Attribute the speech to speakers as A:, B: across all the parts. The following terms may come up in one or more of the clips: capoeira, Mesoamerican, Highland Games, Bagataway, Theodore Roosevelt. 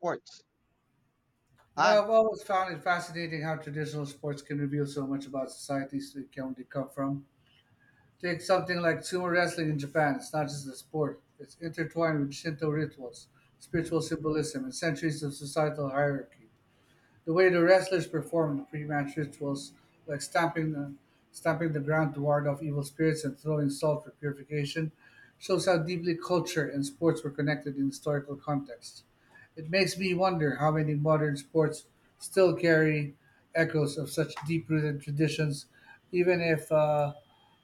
A: Sports.
B: You know,
A: Hi.
B: I've always found it fascinating how traditional sports can reveal so much about societies they come from. Take something like sumo wrestling in Japan. It's not just a sport; it's intertwined with Shinto rituals, spiritual symbolism, and centuries of societal hierarchy. The way the wrestlers performed pre-match rituals, like stamping the ground to ward off evil spirits and throwing salt for purification, shows how deeply culture and sports were connected in historical context. It makes me wonder how many modern sports still carry echoes of such deep-rooted traditions, even if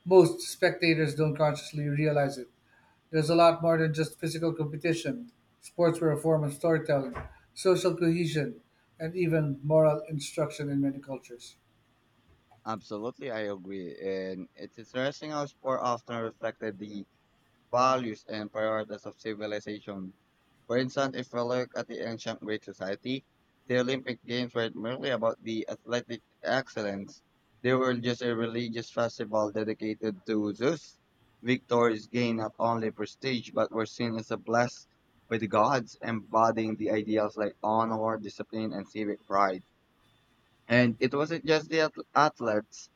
B: most spectators don't consciously realize it. There's a lot more than just physical competition. Sports were a form of storytelling, social cohesion, and even moral instruction in many cultures.
A: Absolutely, I agree. And it's interesting how sport often reflected the values and priorities of civilization. For instance, if we look at the ancient Greek society, the Olympic Games were not merely about the athletic excellence. They were just a religious festival dedicated to Zeus. Victories gained not only prestige but were seen as a blessed by the gods, embodying the ideals like honor, discipline, and civic pride. And it wasn't just the athletes,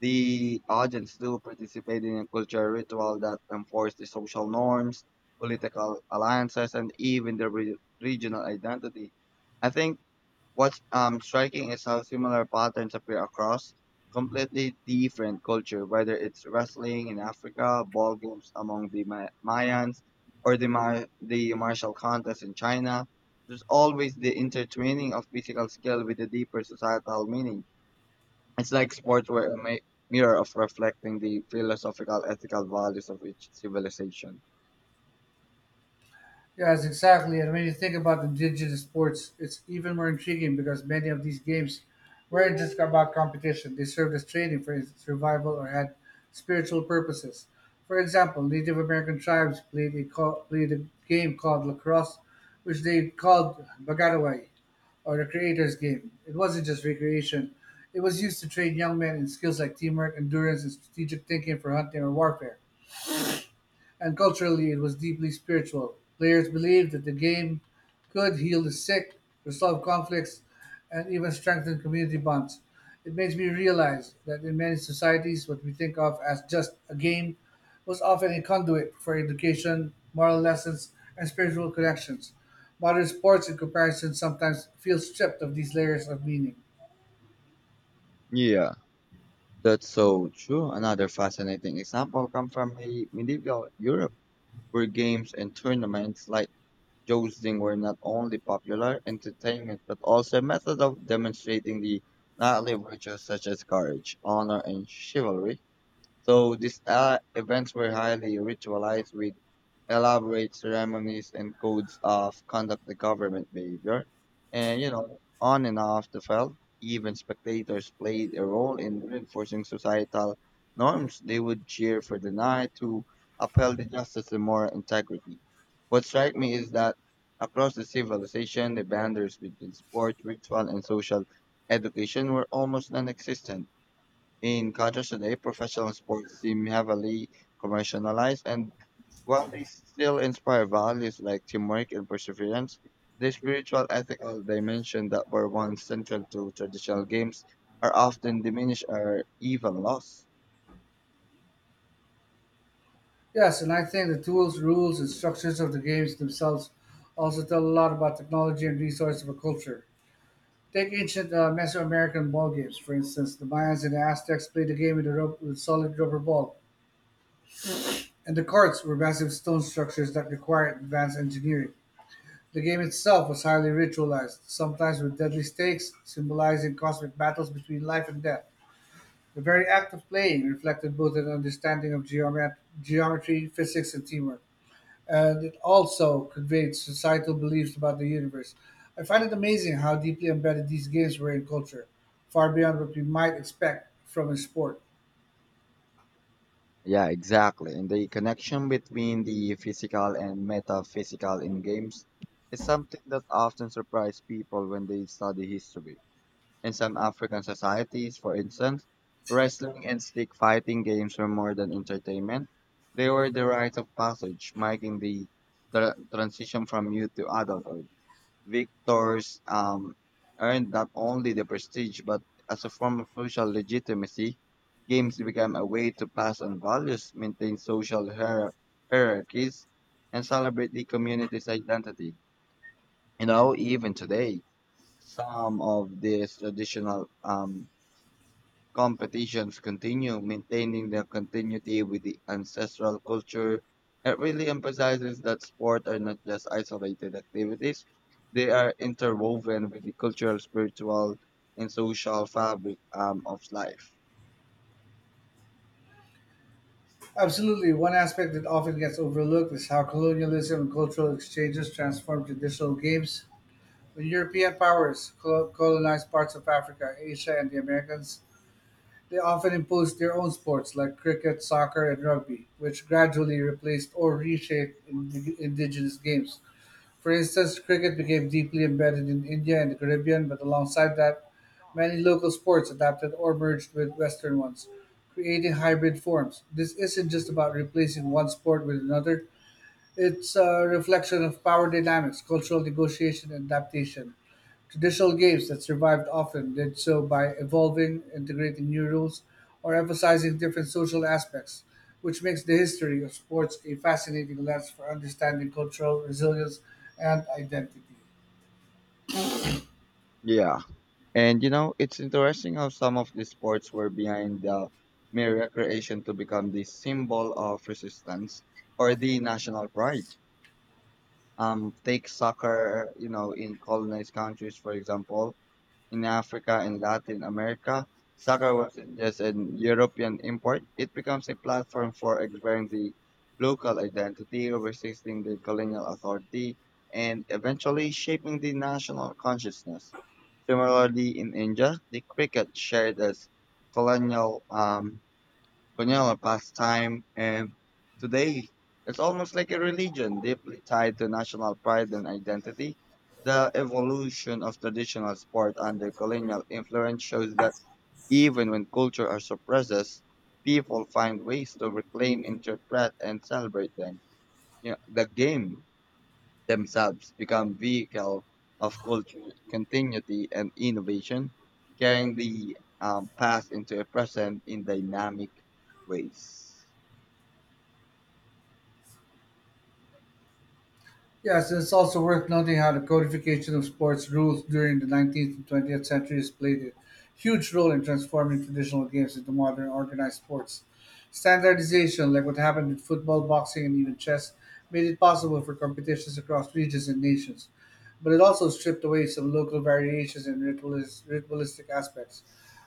A: the audience still participated in a cultural ritual that enforced the social norms, political alliances, and even the regional identity. I think what's striking is how similar patterns appear across completely different culture, whether it's wrestling in Africa, ball games among the Mayans, or the martial contest in China. There's always the intertwining of physical skill with a deeper societal meaning. It's like sports were a mirror of reflecting the philosophical, ethical values of each civilization.
B: Yes, exactly. And when you think about the digital sports, it's even more intriguing because many of these games weren't just about competition. They served as training for survival or had spiritual purposes. For example, Native American tribes played a game called lacrosse, which they called Bagataway, or the creator's game. It wasn't just recreation. It was used to train young men in skills like teamwork, endurance, and strategic thinking for hunting or warfare. And culturally, it was deeply spiritual. Players believed that the game could heal the sick, resolve conflicts, and even strengthen community bonds. It makes me realize that in many societies, what we think of as just a game was often a conduit for education, moral lessons, and spiritual connections. Modern sports, in comparison, sometimes feel stripped of these layers of meaning.
A: Yeah, that's so true. Another fascinating example comes from medieval Europe where games and tournaments like jousting were not only popular entertainment but also a method of demonstrating the knightly virtues such as courage, honor, and chivalry. So these events were highly ritualized with elaborate ceremonies and codes of conduct the government behavior. And, you know, on and off the field, even spectators played a role in reinforcing societal norms. They would cheer for the knight to uphold the justice and moral integrity. What strikes me is that across the civilization, the boundaries between sport, ritual, and social education were almost non existent. In contrast today, professional sports seem heavily commercialized and while they still inspire values like teamwork and perseverance, the spiritual ethical dimension that were once central to traditional games are often diminished or even lost.
B: Yes, and I think the tools, rules, and structures of the games themselves also tell a lot about technology and resource of a culture. Take ancient Mesoamerican ball games, for instance. The Mayans and the Aztecs played the game with a rope, with solid rubber ball, and the courts were massive stone structures that required advanced engineering. The game itself was highly ritualized, sometimes with deadly stakes, symbolizing cosmic battles between life and death. The very act of playing reflected both an understanding of geometry, physics, and teamwork. And it also conveyed societal beliefs about the universe. I find it amazing how deeply embedded these games were in culture, far beyond what we might expect from a sport.
A: Yeah, exactly. And the connection between the physical and metaphysical in games is something that often surprises people when they study history. In some African societies, for instance, wrestling and stick fighting games were more than entertainment. They were the rites of passage, marking the transition from youth to adulthood. Victors earned not only the prestige, but as a form of social legitimacy, games became a way to pass on values, maintain social hierarchies, and celebrate the community's identity. You know, even today, some of these traditional competitions continue, maintaining their continuity with the ancestral culture. It really emphasizes that sports are not just isolated activities, they are interwoven with the cultural, spiritual, and social fabric of life.
B: Absolutely, one aspect that often gets overlooked is how colonialism and cultural exchanges transformed traditional games. When European powers colonized parts of Africa, Asia, and the Americas, they often imposed their own sports like cricket, soccer, and rugby, which gradually replaced or reshaped indigenous games. For instance, cricket became deeply embedded in India and the Caribbean, but alongside that, many local sports adapted or merged with Western ones, creating hybrid forms. This isn't just about replacing one sport with another, it's a reflection of power dynamics, cultural negotiation, and adaptation. Traditional games that survived often did so by evolving, integrating new rules, or emphasizing different social aspects, which makes the history of sports a fascinating lens for understanding cultural resilience and identity.
A: Yeah. And you know, it's interesting how some of these sports were behind the mere recreation to become the symbol of resistance or the national pride. Take soccer, you know, in colonized countries, for example in Africa and Latin America, soccer wasn't just an European import, it becomes a platform for exploring the local identity, resisting the colonial authority, and eventually shaping the national consciousness. Similarly, in India, the cricket shared as colonial Cunyola pastime, and today it's almost like a religion deeply tied to national pride and identity. The evolution of traditional sport under colonial influence shows that even when culture are suppressed, people find ways to reclaim, interpret, and celebrate them. You know, the game themselves become vehicle of cultural continuity and innovation, carrying the past into a present in dynamic ways.
B: Yes, it's also worth noting how the codification of sports rules during the 19th and 20th centuries played a huge role in transforming traditional games into modern organized sports. Standardization, like what happened in football, boxing, and even chess, made it possible for competitions across regions and nations. But it also stripped away some local variations and ritualistic aspects.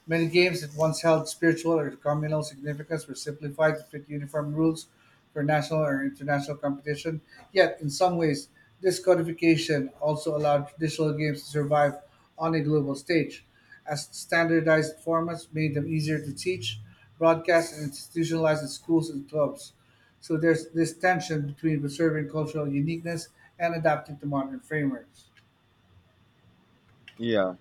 B: Many games that once held spiritual or communal significance were simplified to fit uniform rules for national or international competition. Yet, in some ways, this codification also allowed traditional games to survive on a global stage, as standardized formats made them easier to teach, broadcast, and institutionalize in schools and clubs. So there's this tension between preserving cultural uniqueness and adapting to modern frameworks.
A: Yeah,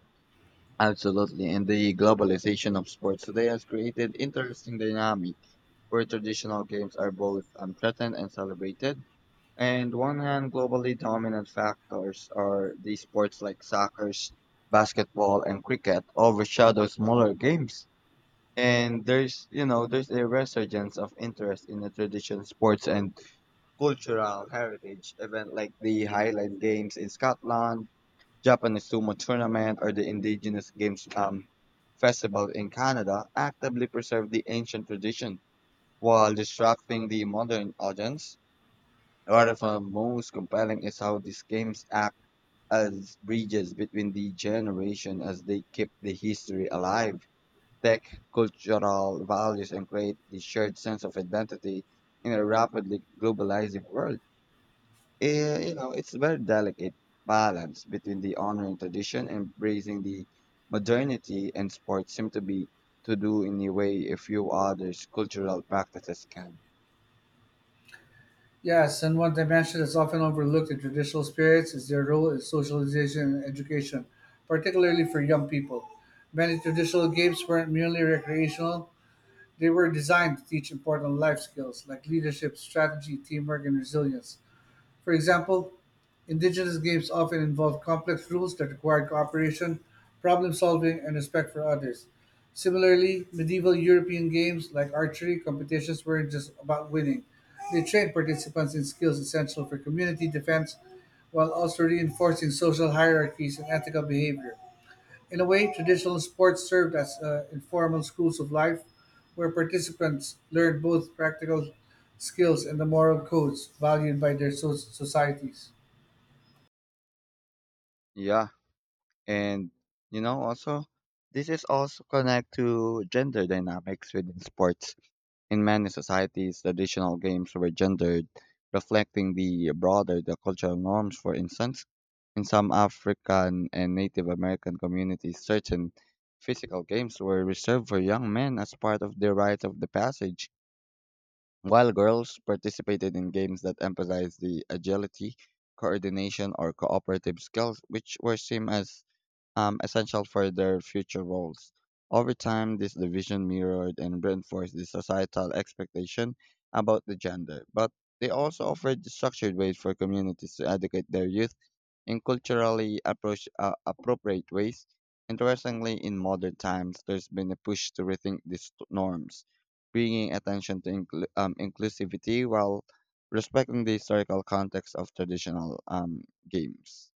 A: absolutely. And the globalization of sports today has created interesting dynamic where traditional games are both threatened and celebrated. And one hand, globally dominant factors are the sports like soccer, basketball, and cricket overshadow smaller games. And there's a resurgence of interest in the traditional sports and cultural heritage event like the Highland Games in Scotland, Japanese sumo tournament or the indigenous games festival in Canada actively preserve the ancient tradition while distracting the modern audience. One of the most compelling is how these games act as bridges between the generation as they keep the history alive, tech cultural values and create the shared sense of identity in a rapidly globalizing world. You know, it's a very delicate balance between the honoring tradition and embracing the modernity and sports seem to be to do in a way a few others cultural practices can.
B: Yes, and one dimension that's often overlooked in traditional spirits is their role in socialization and education, particularly for young people. Many traditional games weren't merely recreational, they were designed to teach important life skills like leadership, strategy, teamwork, and resilience. For example, indigenous games often involved complex rules that required cooperation, problem solving, and respect for others. Similarly, medieval European games like archery competitions weren't just about winning. They trained participants in skills essential for community defense while also reinforcing social hierarchies and ethical behavior. In a way, traditional sports served as informal schools of life where participants learned both practical skills and the moral codes valued by their societies.
A: Yeah, and you know also this is also connect to gender dynamics within sports. In many societies, traditional games were gendered, reflecting the broader the cultural norms. For instance, in some African and Native American communities, certain physical games were reserved for young men as part of their rites of the passage, while girls participated in games that emphasized the agility, coordination, or cooperative skills, which were seen as essential for their future roles. Over time, this division mirrored and reinforced the societal expectation about the gender, but they also offered structured ways for communities to educate their youth in culturally appropriate ways. Interestingly, in modern times, there's been a push to rethink these norms, bringing attention to inclusivity while respecting the historical context of traditional games.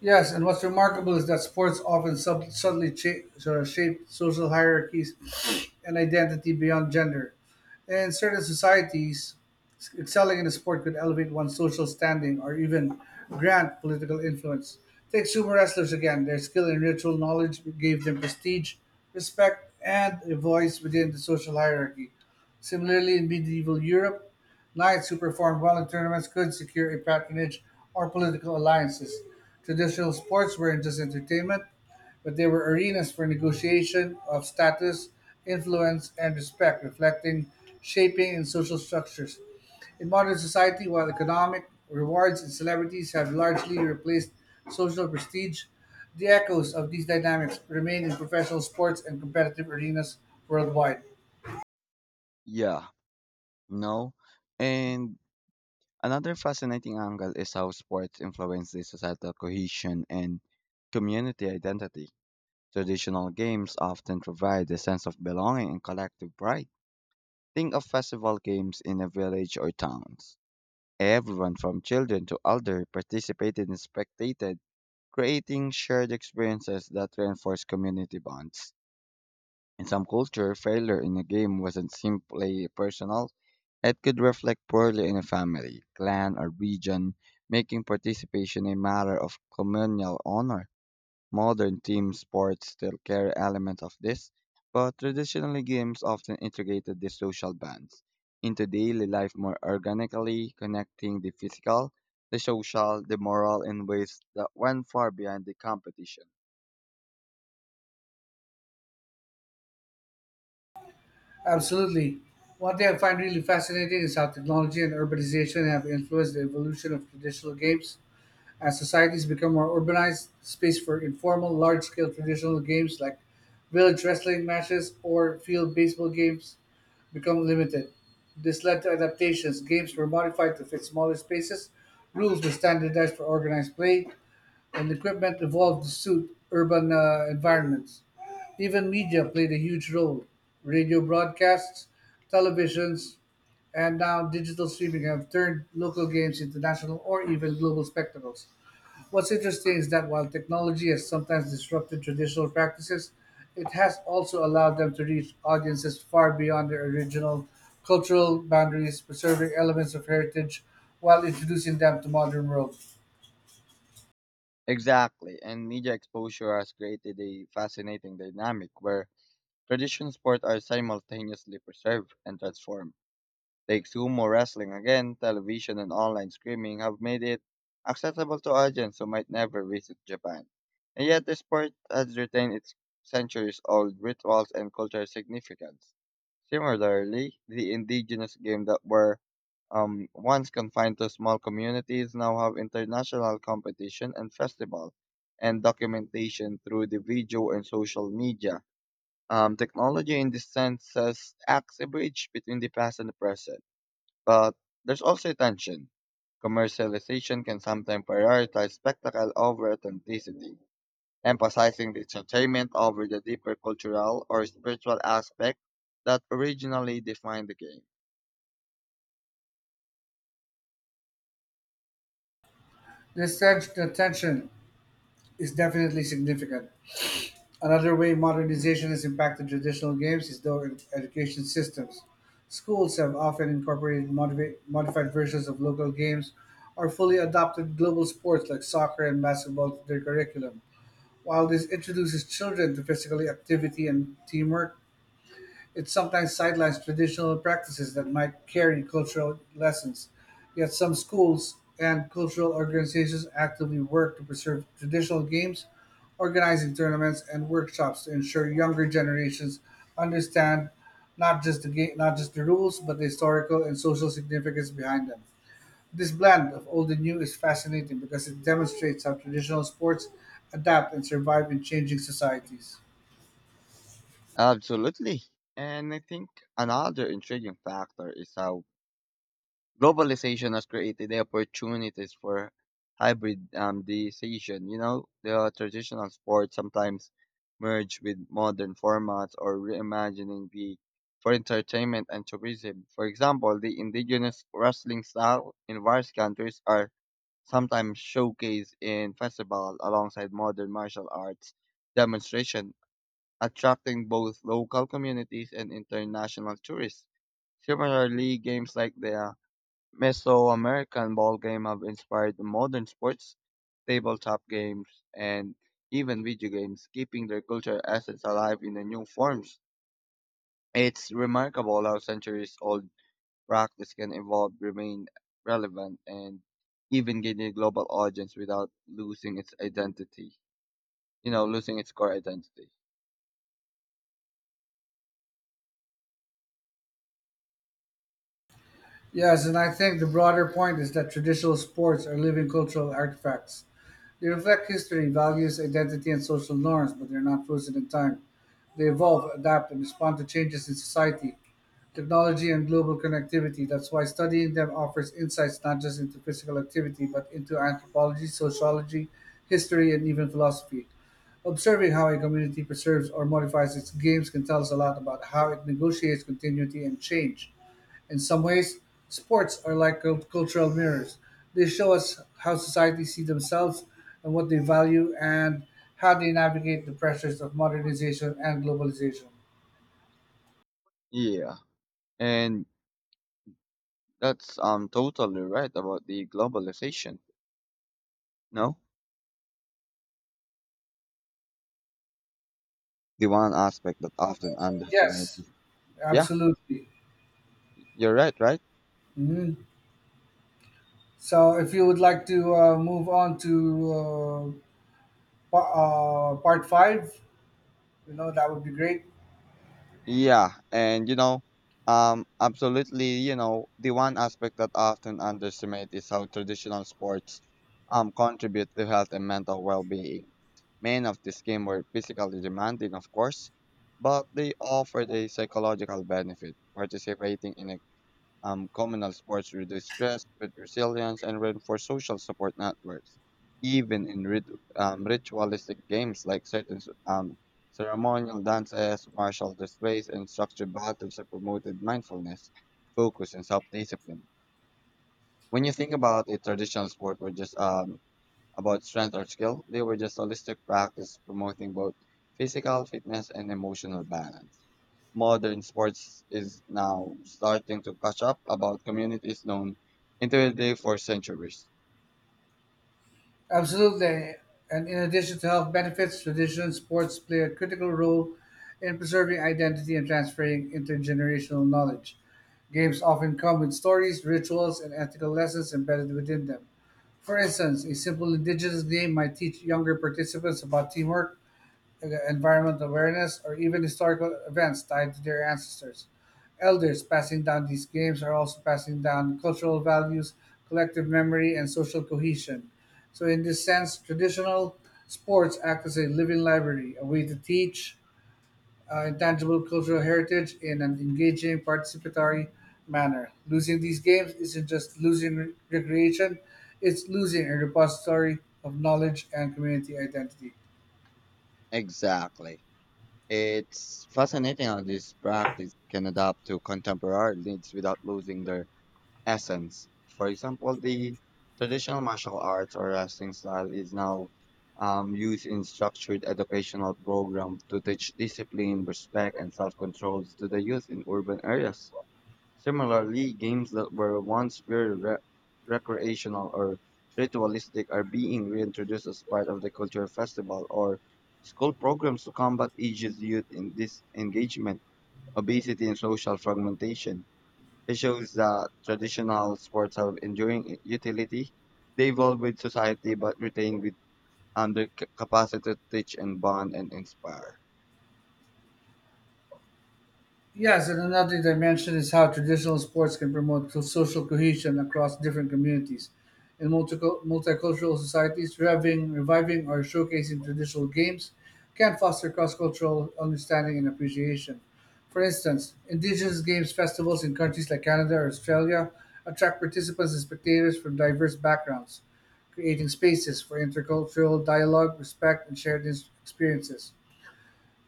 B: Yes, and what's remarkable is that sports often subtly sort of shape social hierarchies and identity beyond gender. In certain societies, excelling in a sport could elevate one's social standing or even grant political influence. Take sumo wrestlers again. Their skill and ritual knowledge gave them prestige, respect, and a voice within the social hierarchy. Similarly, in medieval Europe, knights who performed well in tournaments could secure a patronage or political alliances. Traditional sports weren't just entertainment, but they were arenas for negotiation of status, influence, and respect, reflecting shaping in social structures. In modern society, while economic rewards and celebrities have largely replaced social prestige, the echoes of these dynamics remain in professional sports and competitive arenas worldwide.
A: Yeah, no. And another fascinating angle is how sports influence the societal cohesion and community identity. Traditional games often provide a sense of belonging and collective pride. Think of festival games in a village or towns. Everyone from children to elder participated and spectated, creating shared experiences that reinforce community bonds. In some cultures, failure in a game wasn't simply personal, it could reflect poorly in a family, clan, or region, making participation a matter of communal honor. Modern team sports still carry elements of this, but traditionally games often integrated the social bonds into daily life more organically, connecting the physical, the social, the moral in ways that went far beyond the competition.
B: Absolutely. One thing I find really fascinating is how technology and urbanization have influenced the evolution of traditional games. As societies become more urbanized, space for informal, large scale traditional games like village wrestling matches or field baseball games become limited. This led to adaptations. Games were modified to fit smaller spaces, rules were standardized for organized play, and equipment evolved to suit urban environments. Even media played a huge role. Radio broadcasts, televisions, and now digital streaming have turned local games into national or even global spectacles. What's interesting is that while technology has sometimes disrupted traditional practices, it has also allowed them to reach audiences far beyond their original cultural boundaries, preserving elements of heritage while introducing them to modern world.
A: Exactly, and media exposure has created a fascinating dynamic where traditional sports are simultaneously preserved and transformed. Take sumo wrestling again, television and online streaming have made it accessible to audiences who might never visit Japan. And yet the sport has retained its centuries-old rituals and cultural significance. Similarly, the indigenous game that were once confined to small communities, now have international competition and festival and documentation through the video and social media. Technology in this sense says acts a bridge between the past and the present, but there's also a tension. Commercialization can sometimes prioritize spectacle over authenticity, emphasizing the entertainment over the deeper cultural or spiritual aspect that originally defined the game.
B: The tension is definitely significant. Another way modernization has impacted traditional games is through education systems. Schools have often incorporated modified versions of local games or fully adopted global sports like soccer and basketball to their curriculum. While this introduces children to physical activity and teamwork, it sometimes sidelines traditional practices that might carry cultural lessons, yet some schools and cultural organizations actively work to preserve traditional games, organizing tournaments and workshops to ensure younger generations understand not just the game, not just the rules, but the historical and social significance behind them. This blend of old and new is fascinating because it demonstrates how traditional sports adapt and survive in changing societies.
A: Absolutely. And I think another intriguing factor is how globalization has created the opportunities for hybridization. You know, the traditional sports sometimes merge with modern formats or reimagining the for entertainment and tourism. For example, the indigenous wrestling style in various countries are sometimes showcased in festivals alongside modern martial arts demonstration attracting both local communities and international tourists. Similarly, games like the Mesoamerican ball game have inspired the modern sports, tabletop games, and even video games, keeping their cultural assets alive in the new forms. It's remarkable how centuries old practice can evolve, remain relevant, and even gain a global audience without losing its identity. You know, losing its core identity.
B: Yes, and I think the broader point is that traditional sports are living cultural artifacts. They reflect history, values, identity, and social norms, but they're not frozen in time. They evolve, adapt, and respond to changes in society, technology, and global connectivity. That's why studying them offers insights not just into physical activity, but into anthropology, sociology, history, and even philosophy. Observing how a community preserves or modifies its games can tell us a lot about how it negotiates continuity and change. In some ways, sports are like cultural mirrors. They show us how societies see themselves and what they value and how they navigate the pressures of modernization and globalization.
A: Yeah. And that's totally right about the globalization. No, the one aspect that often
B: Yes,
A: underestimated. Yeah,
B: absolutely.
A: you're right, right?
B: Mhm. So, if you would like to move on to uh, pa- part five, you know, that would be great.
A: Yeah, and you know, absolutely, you know, the one aspect that often underestimated is how traditional sports contribute to health and mental well-being. Many of these games were physically demanding, of course, but they offered a psychological benefit. Participating in a communal sports reduce stress, build resilience, and reinforce social support networks. Even in ritualistic games like certain ceremonial dances, martial displays, and structured battles have promoted mindfulness, focus, and self discipline. When you think about it, traditional sport were just about strength or skill, they were just holistic practice promoting both physical fitness and emotional balance modern sports is now starting to catch up about communities known intimately for centuries.
B: Absolutely. And in addition to health benefits, traditional sports play a critical role in preserving identity and transferring intergenerational knowledge. Games often come with stories, rituals, and ethical lessons embedded within them. For instance, a simple indigenous game might teach younger participants about teamwork, environmental awareness, or even historical events tied to their ancestors. Elders passing down these games are also passing down cultural values, collective memory, and social cohesion. So, in this sense, traditional sports act as a living library, a way to teach intangible cultural heritage in an engaging, participatory manner. Losing these games isn't just losing recreation, it's losing a repository of knowledge and community identity.
A: Exactly. It's fascinating how this practice can adapt to contemporary needs without losing their essence. For example, the traditional martial arts or wrestling style is now used in structured educational programs to teach discipline, respect, and self-control to the youth in urban areas. Similarly, games that were once purely recreational or ritualistic are being reintroduced as part of the culture festival or school programs to combat ages youth in disengagement, obesity, and social fragmentation. It shows that traditional sports have enduring utility. They evolve with society but retain with the capacity to teach and bond and inspire.
B: Yes, and another dimension is how traditional sports can promote social cohesion across different communities. In multicultural societies, reviving or showcasing traditional games can foster cross cultural understanding and appreciation. For instance, indigenous games festivals in countries like Canada or Australia attract participants and spectators from diverse backgrounds, creating spaces for intercultural dialogue, respect, and shared experiences.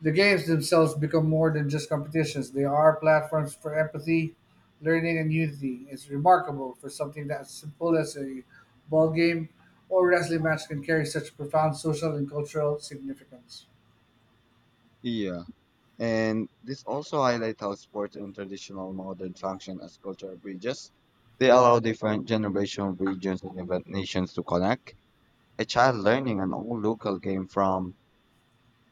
B: The games themselves become more than just competitions, they are platforms for empathy, learning, and unity. It's remarkable for something that's simple as a ball game or wrestling match can carry such profound social and cultural significance.
A: Yeah. And this also highlights how sports and traditional modern function as cultural bridges. They allow different generational regions and even nations to connect. A child learning an old local game from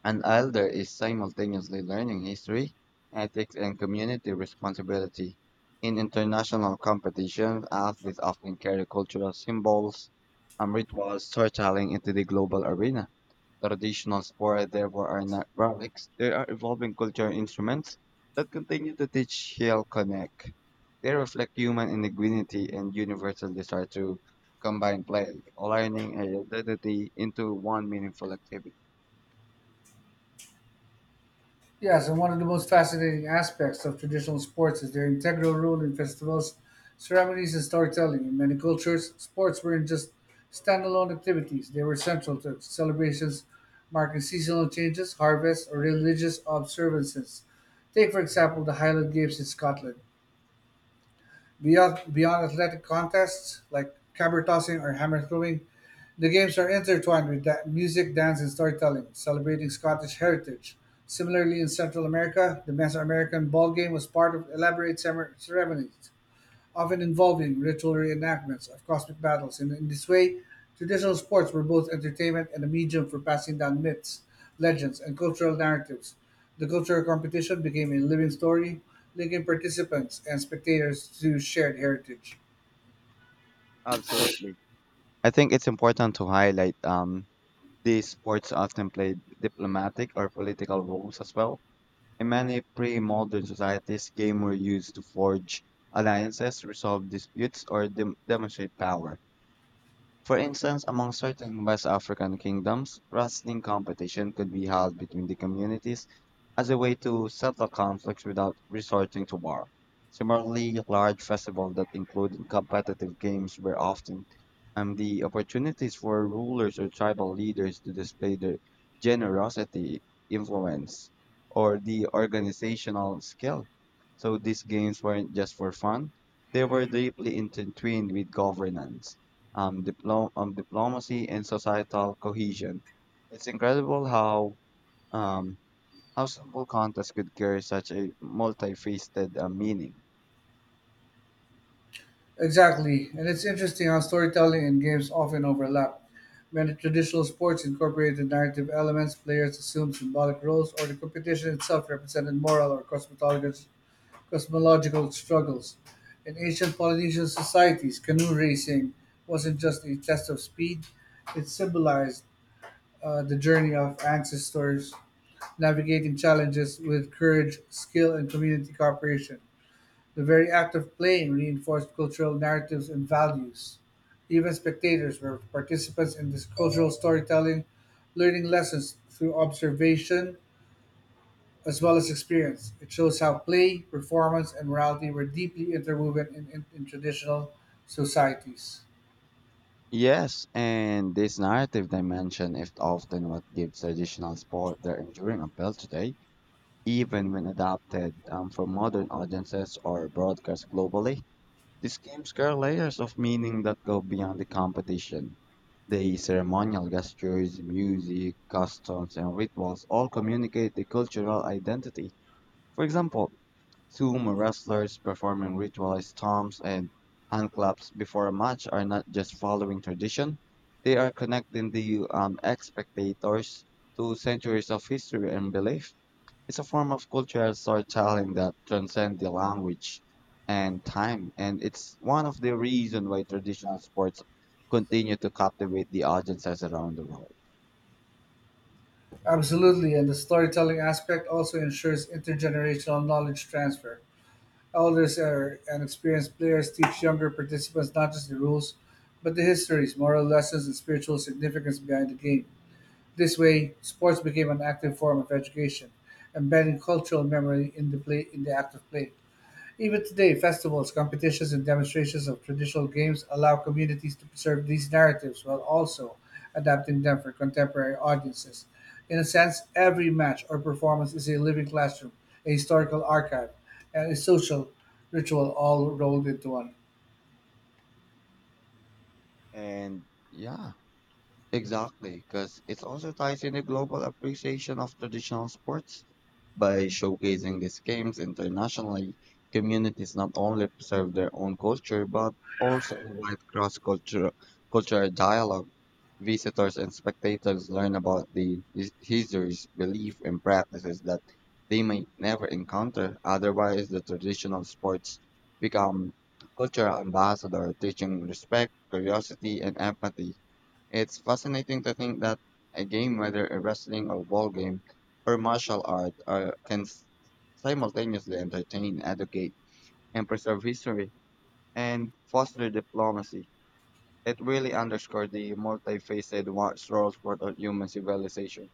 A: an elder is simultaneously learning history, ethics, and community responsibility. In international competitions, athletes often carry cultural symbols and rituals storytelling into the global arena. Traditional spora therefore are not relics. They are evolving cultural instruments that continue to teach Hill Connect. They reflect human indigeneity and universal desire to combine play, learning, and identity into one meaningful activity.
B: Yes, and one of the most fascinating aspects of traditional sports is their integral role in festivals, ceremonies, and storytelling. In many cultures, sports weren't just standalone activities, they were central to celebrations marking seasonal changes, harvests, or religious observances. Take, for example, the Highland Games in Scotland. Beyond athletic contests like caber tossing or hammer throwing, the games are intertwined with music, dance, and storytelling, celebrating Scottish heritage. Similarly, in Central America, the Mesoamerican ball game was part of elaborate ceremonies often involving ritual reenactments of cosmic battles. In this way, traditional sports were both entertainment and a medium for passing down myths, legends, and cultural narratives. The cultural competition became a living story, linking participants and spectators to shared heritage.
A: Absolutely. I think it's important to highlight these sports often play diplomatic or political roles as well. In many pre-modern societies, games were used to forge alliances, resolve disputes, or demonstrate power. For instance, among certain West African kingdoms, wrestling competition could be held between the communities as a way to settle conflicts without resorting to war. Similarly, large festivals that included competitive games were often the opportunities for rulers or tribal leaders to display their generosity, influence, or the organizational skill. So these games weren't just for fun, they were deeply intertwined with governance, diplomacy and societal cohesion. It's incredible um, how simple contests could carry such a multifaceted meaning.
B: Exactly, and it's interesting how storytelling and games often overlap. Many traditional sports incorporated narrative elements, players assumed symbolic roles, or the competition itself represented moral or cosmetological cosmological struggles. In ancient Polynesian societies, canoe racing wasn't just a test of speed, it symbolized the journey of ancestors navigating challenges with courage, skill, and community cooperation. The very act of playing reinforced cultural narratives and values. Even spectators were participants in this cultural storytelling, learning lessons through observation as well as experience. It shows how play, performance, and morality were deeply interwoven in traditional societies.
A: Yes, and this narrative dimension is often what gives traditional sport their enduring appeal today, even when adapted for modern audiences or broadcast globally. These games carry layers of meaning that go beyond the competition. The ceremonial gestures, music, customs, and rituals all communicate the cultural identity. For example, sumo wrestlers performing ritualized stomps and handclaps before a match are not just following tradition, they are connecting the ex spectators to centuries of history and belief. It's a form of cultural storytelling that transcends the language and time, and it's one of the reasons why traditional sports continue to captivate the audiences around the world.
B: Absolutely, and the storytelling aspect also ensures intergenerational knowledge transfer. Elders are, and experienced players teach younger participants not just the rules, but the histories, moral lessons, and spiritual significance behind the game. This way, sports became an active form of education, embedding cultural memory in the play in the act of play. Even today, festivals, competitions, and demonstrations of traditional games allow communities to preserve these narratives while also adapting them for contemporary audiences. In a sense, every match or performance is a living classroom, a historical archive, and a social ritual all rolled into one.
A: And yeah, exactly, because it also ties in the global appreciation of traditional sports by showcasing these games internationally. Communities not only preserve their own culture but also invite cross-cultural cultural dialogue. Visitors and spectators learn about the histories, beliefs, and practices that they might never encounter. Otherwise, the traditional sports become cultural ambassadors, teaching respect, curiosity, and empathy. It's fascinating to think that a game, whether a wrestling or ball game or martial art, are, simultaneously entertain, educate, and preserve history and foster diplomacy. It really underscored the multifaceted watch roles for the human civilization.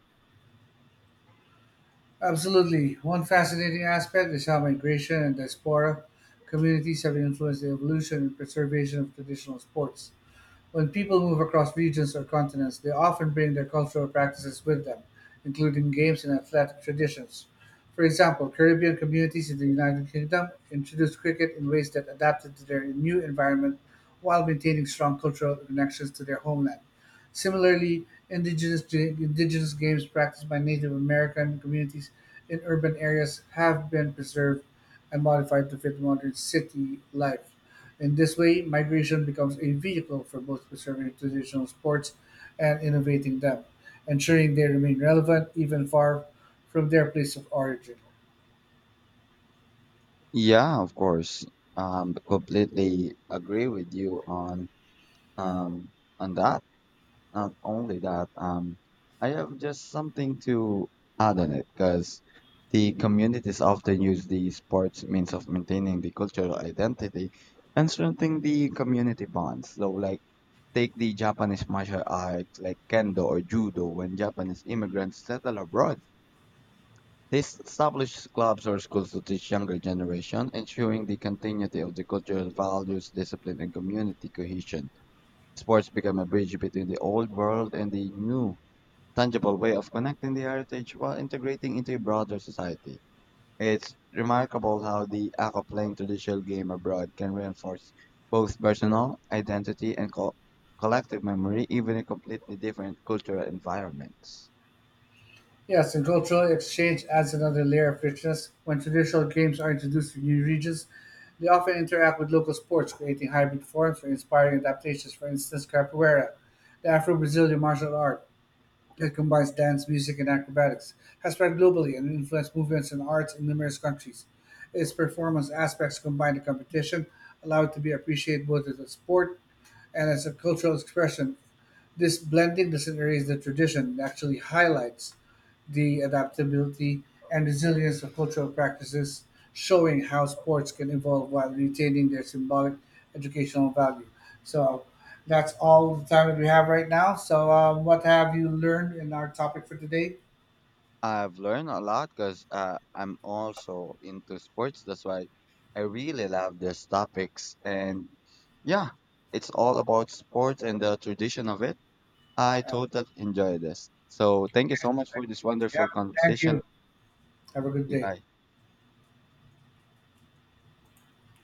B: Absolutely. One fascinating aspect is how migration and diaspora communities have influenced the evolution and preservation of traditional sports. When people move across regions or continents, they often bring their cultural practices with them, including games and athletic traditions. For example, Caribbean communities in the United Kingdom introduced cricket in ways that adapted to their new environment while maintaining strong cultural connections to their homeland. Similarly, indigenous games practiced by Native American communities in urban areas have been preserved and modified to fit modern city life. In this way, migration becomes a vehicle for both preserving traditional sports and innovating them, ensuring they remain relevant even far from their place of origin.
A: Yeah, of course. Completely agree with you um on that. Not only that, I have just something to add on it because the communities often use the sports means of maintaining the cultural identity and strengthening the community bonds. So, like, take the Japanese martial arts like kendo or judo when Japanese immigrants settle abroad. This established clubs or schools to teach younger generation, ensuring the continuity of the cultural values, discipline, and community cohesion. Sports become a bridge between the old world and the new, tangible way of connecting the heritage while integrating into a broader society. It's remarkable how the act of playing traditional game abroad can reinforce both personal identity and collective memory, even in completely different cultural environments.
B: Yes, and cultural exchange adds another layer of richness. When traditional games are introduced to new regions, they often interact with local sports, creating hybrid forms or inspiring adaptations, for instance, capoeira, the Afro Brazilian martial art. It combines dance, music, and acrobatics, has spread globally and influenced movements and arts in numerous countries. Its performance aspects combine the competition, allow it to be appreciated both as a sport and as a cultural expression. This blending doesn't erase the tradition, it actually highlights the adaptability and resilience of cultural practices, showing how sports can evolve while retaining their symbolic educational value. So that's all the time that we have right now. So, what have you learned in our topic for today?
A: I've learned a lot because I'm also into sports. That's why I really love these topics. And yeah, it's all about sports and the tradition of it. I totally enjoy this. So thank you so much for this
B: Yeah,
A: wonderful
B: thank
A: conversation.
B: you. Have a good day.
A: Goodbye.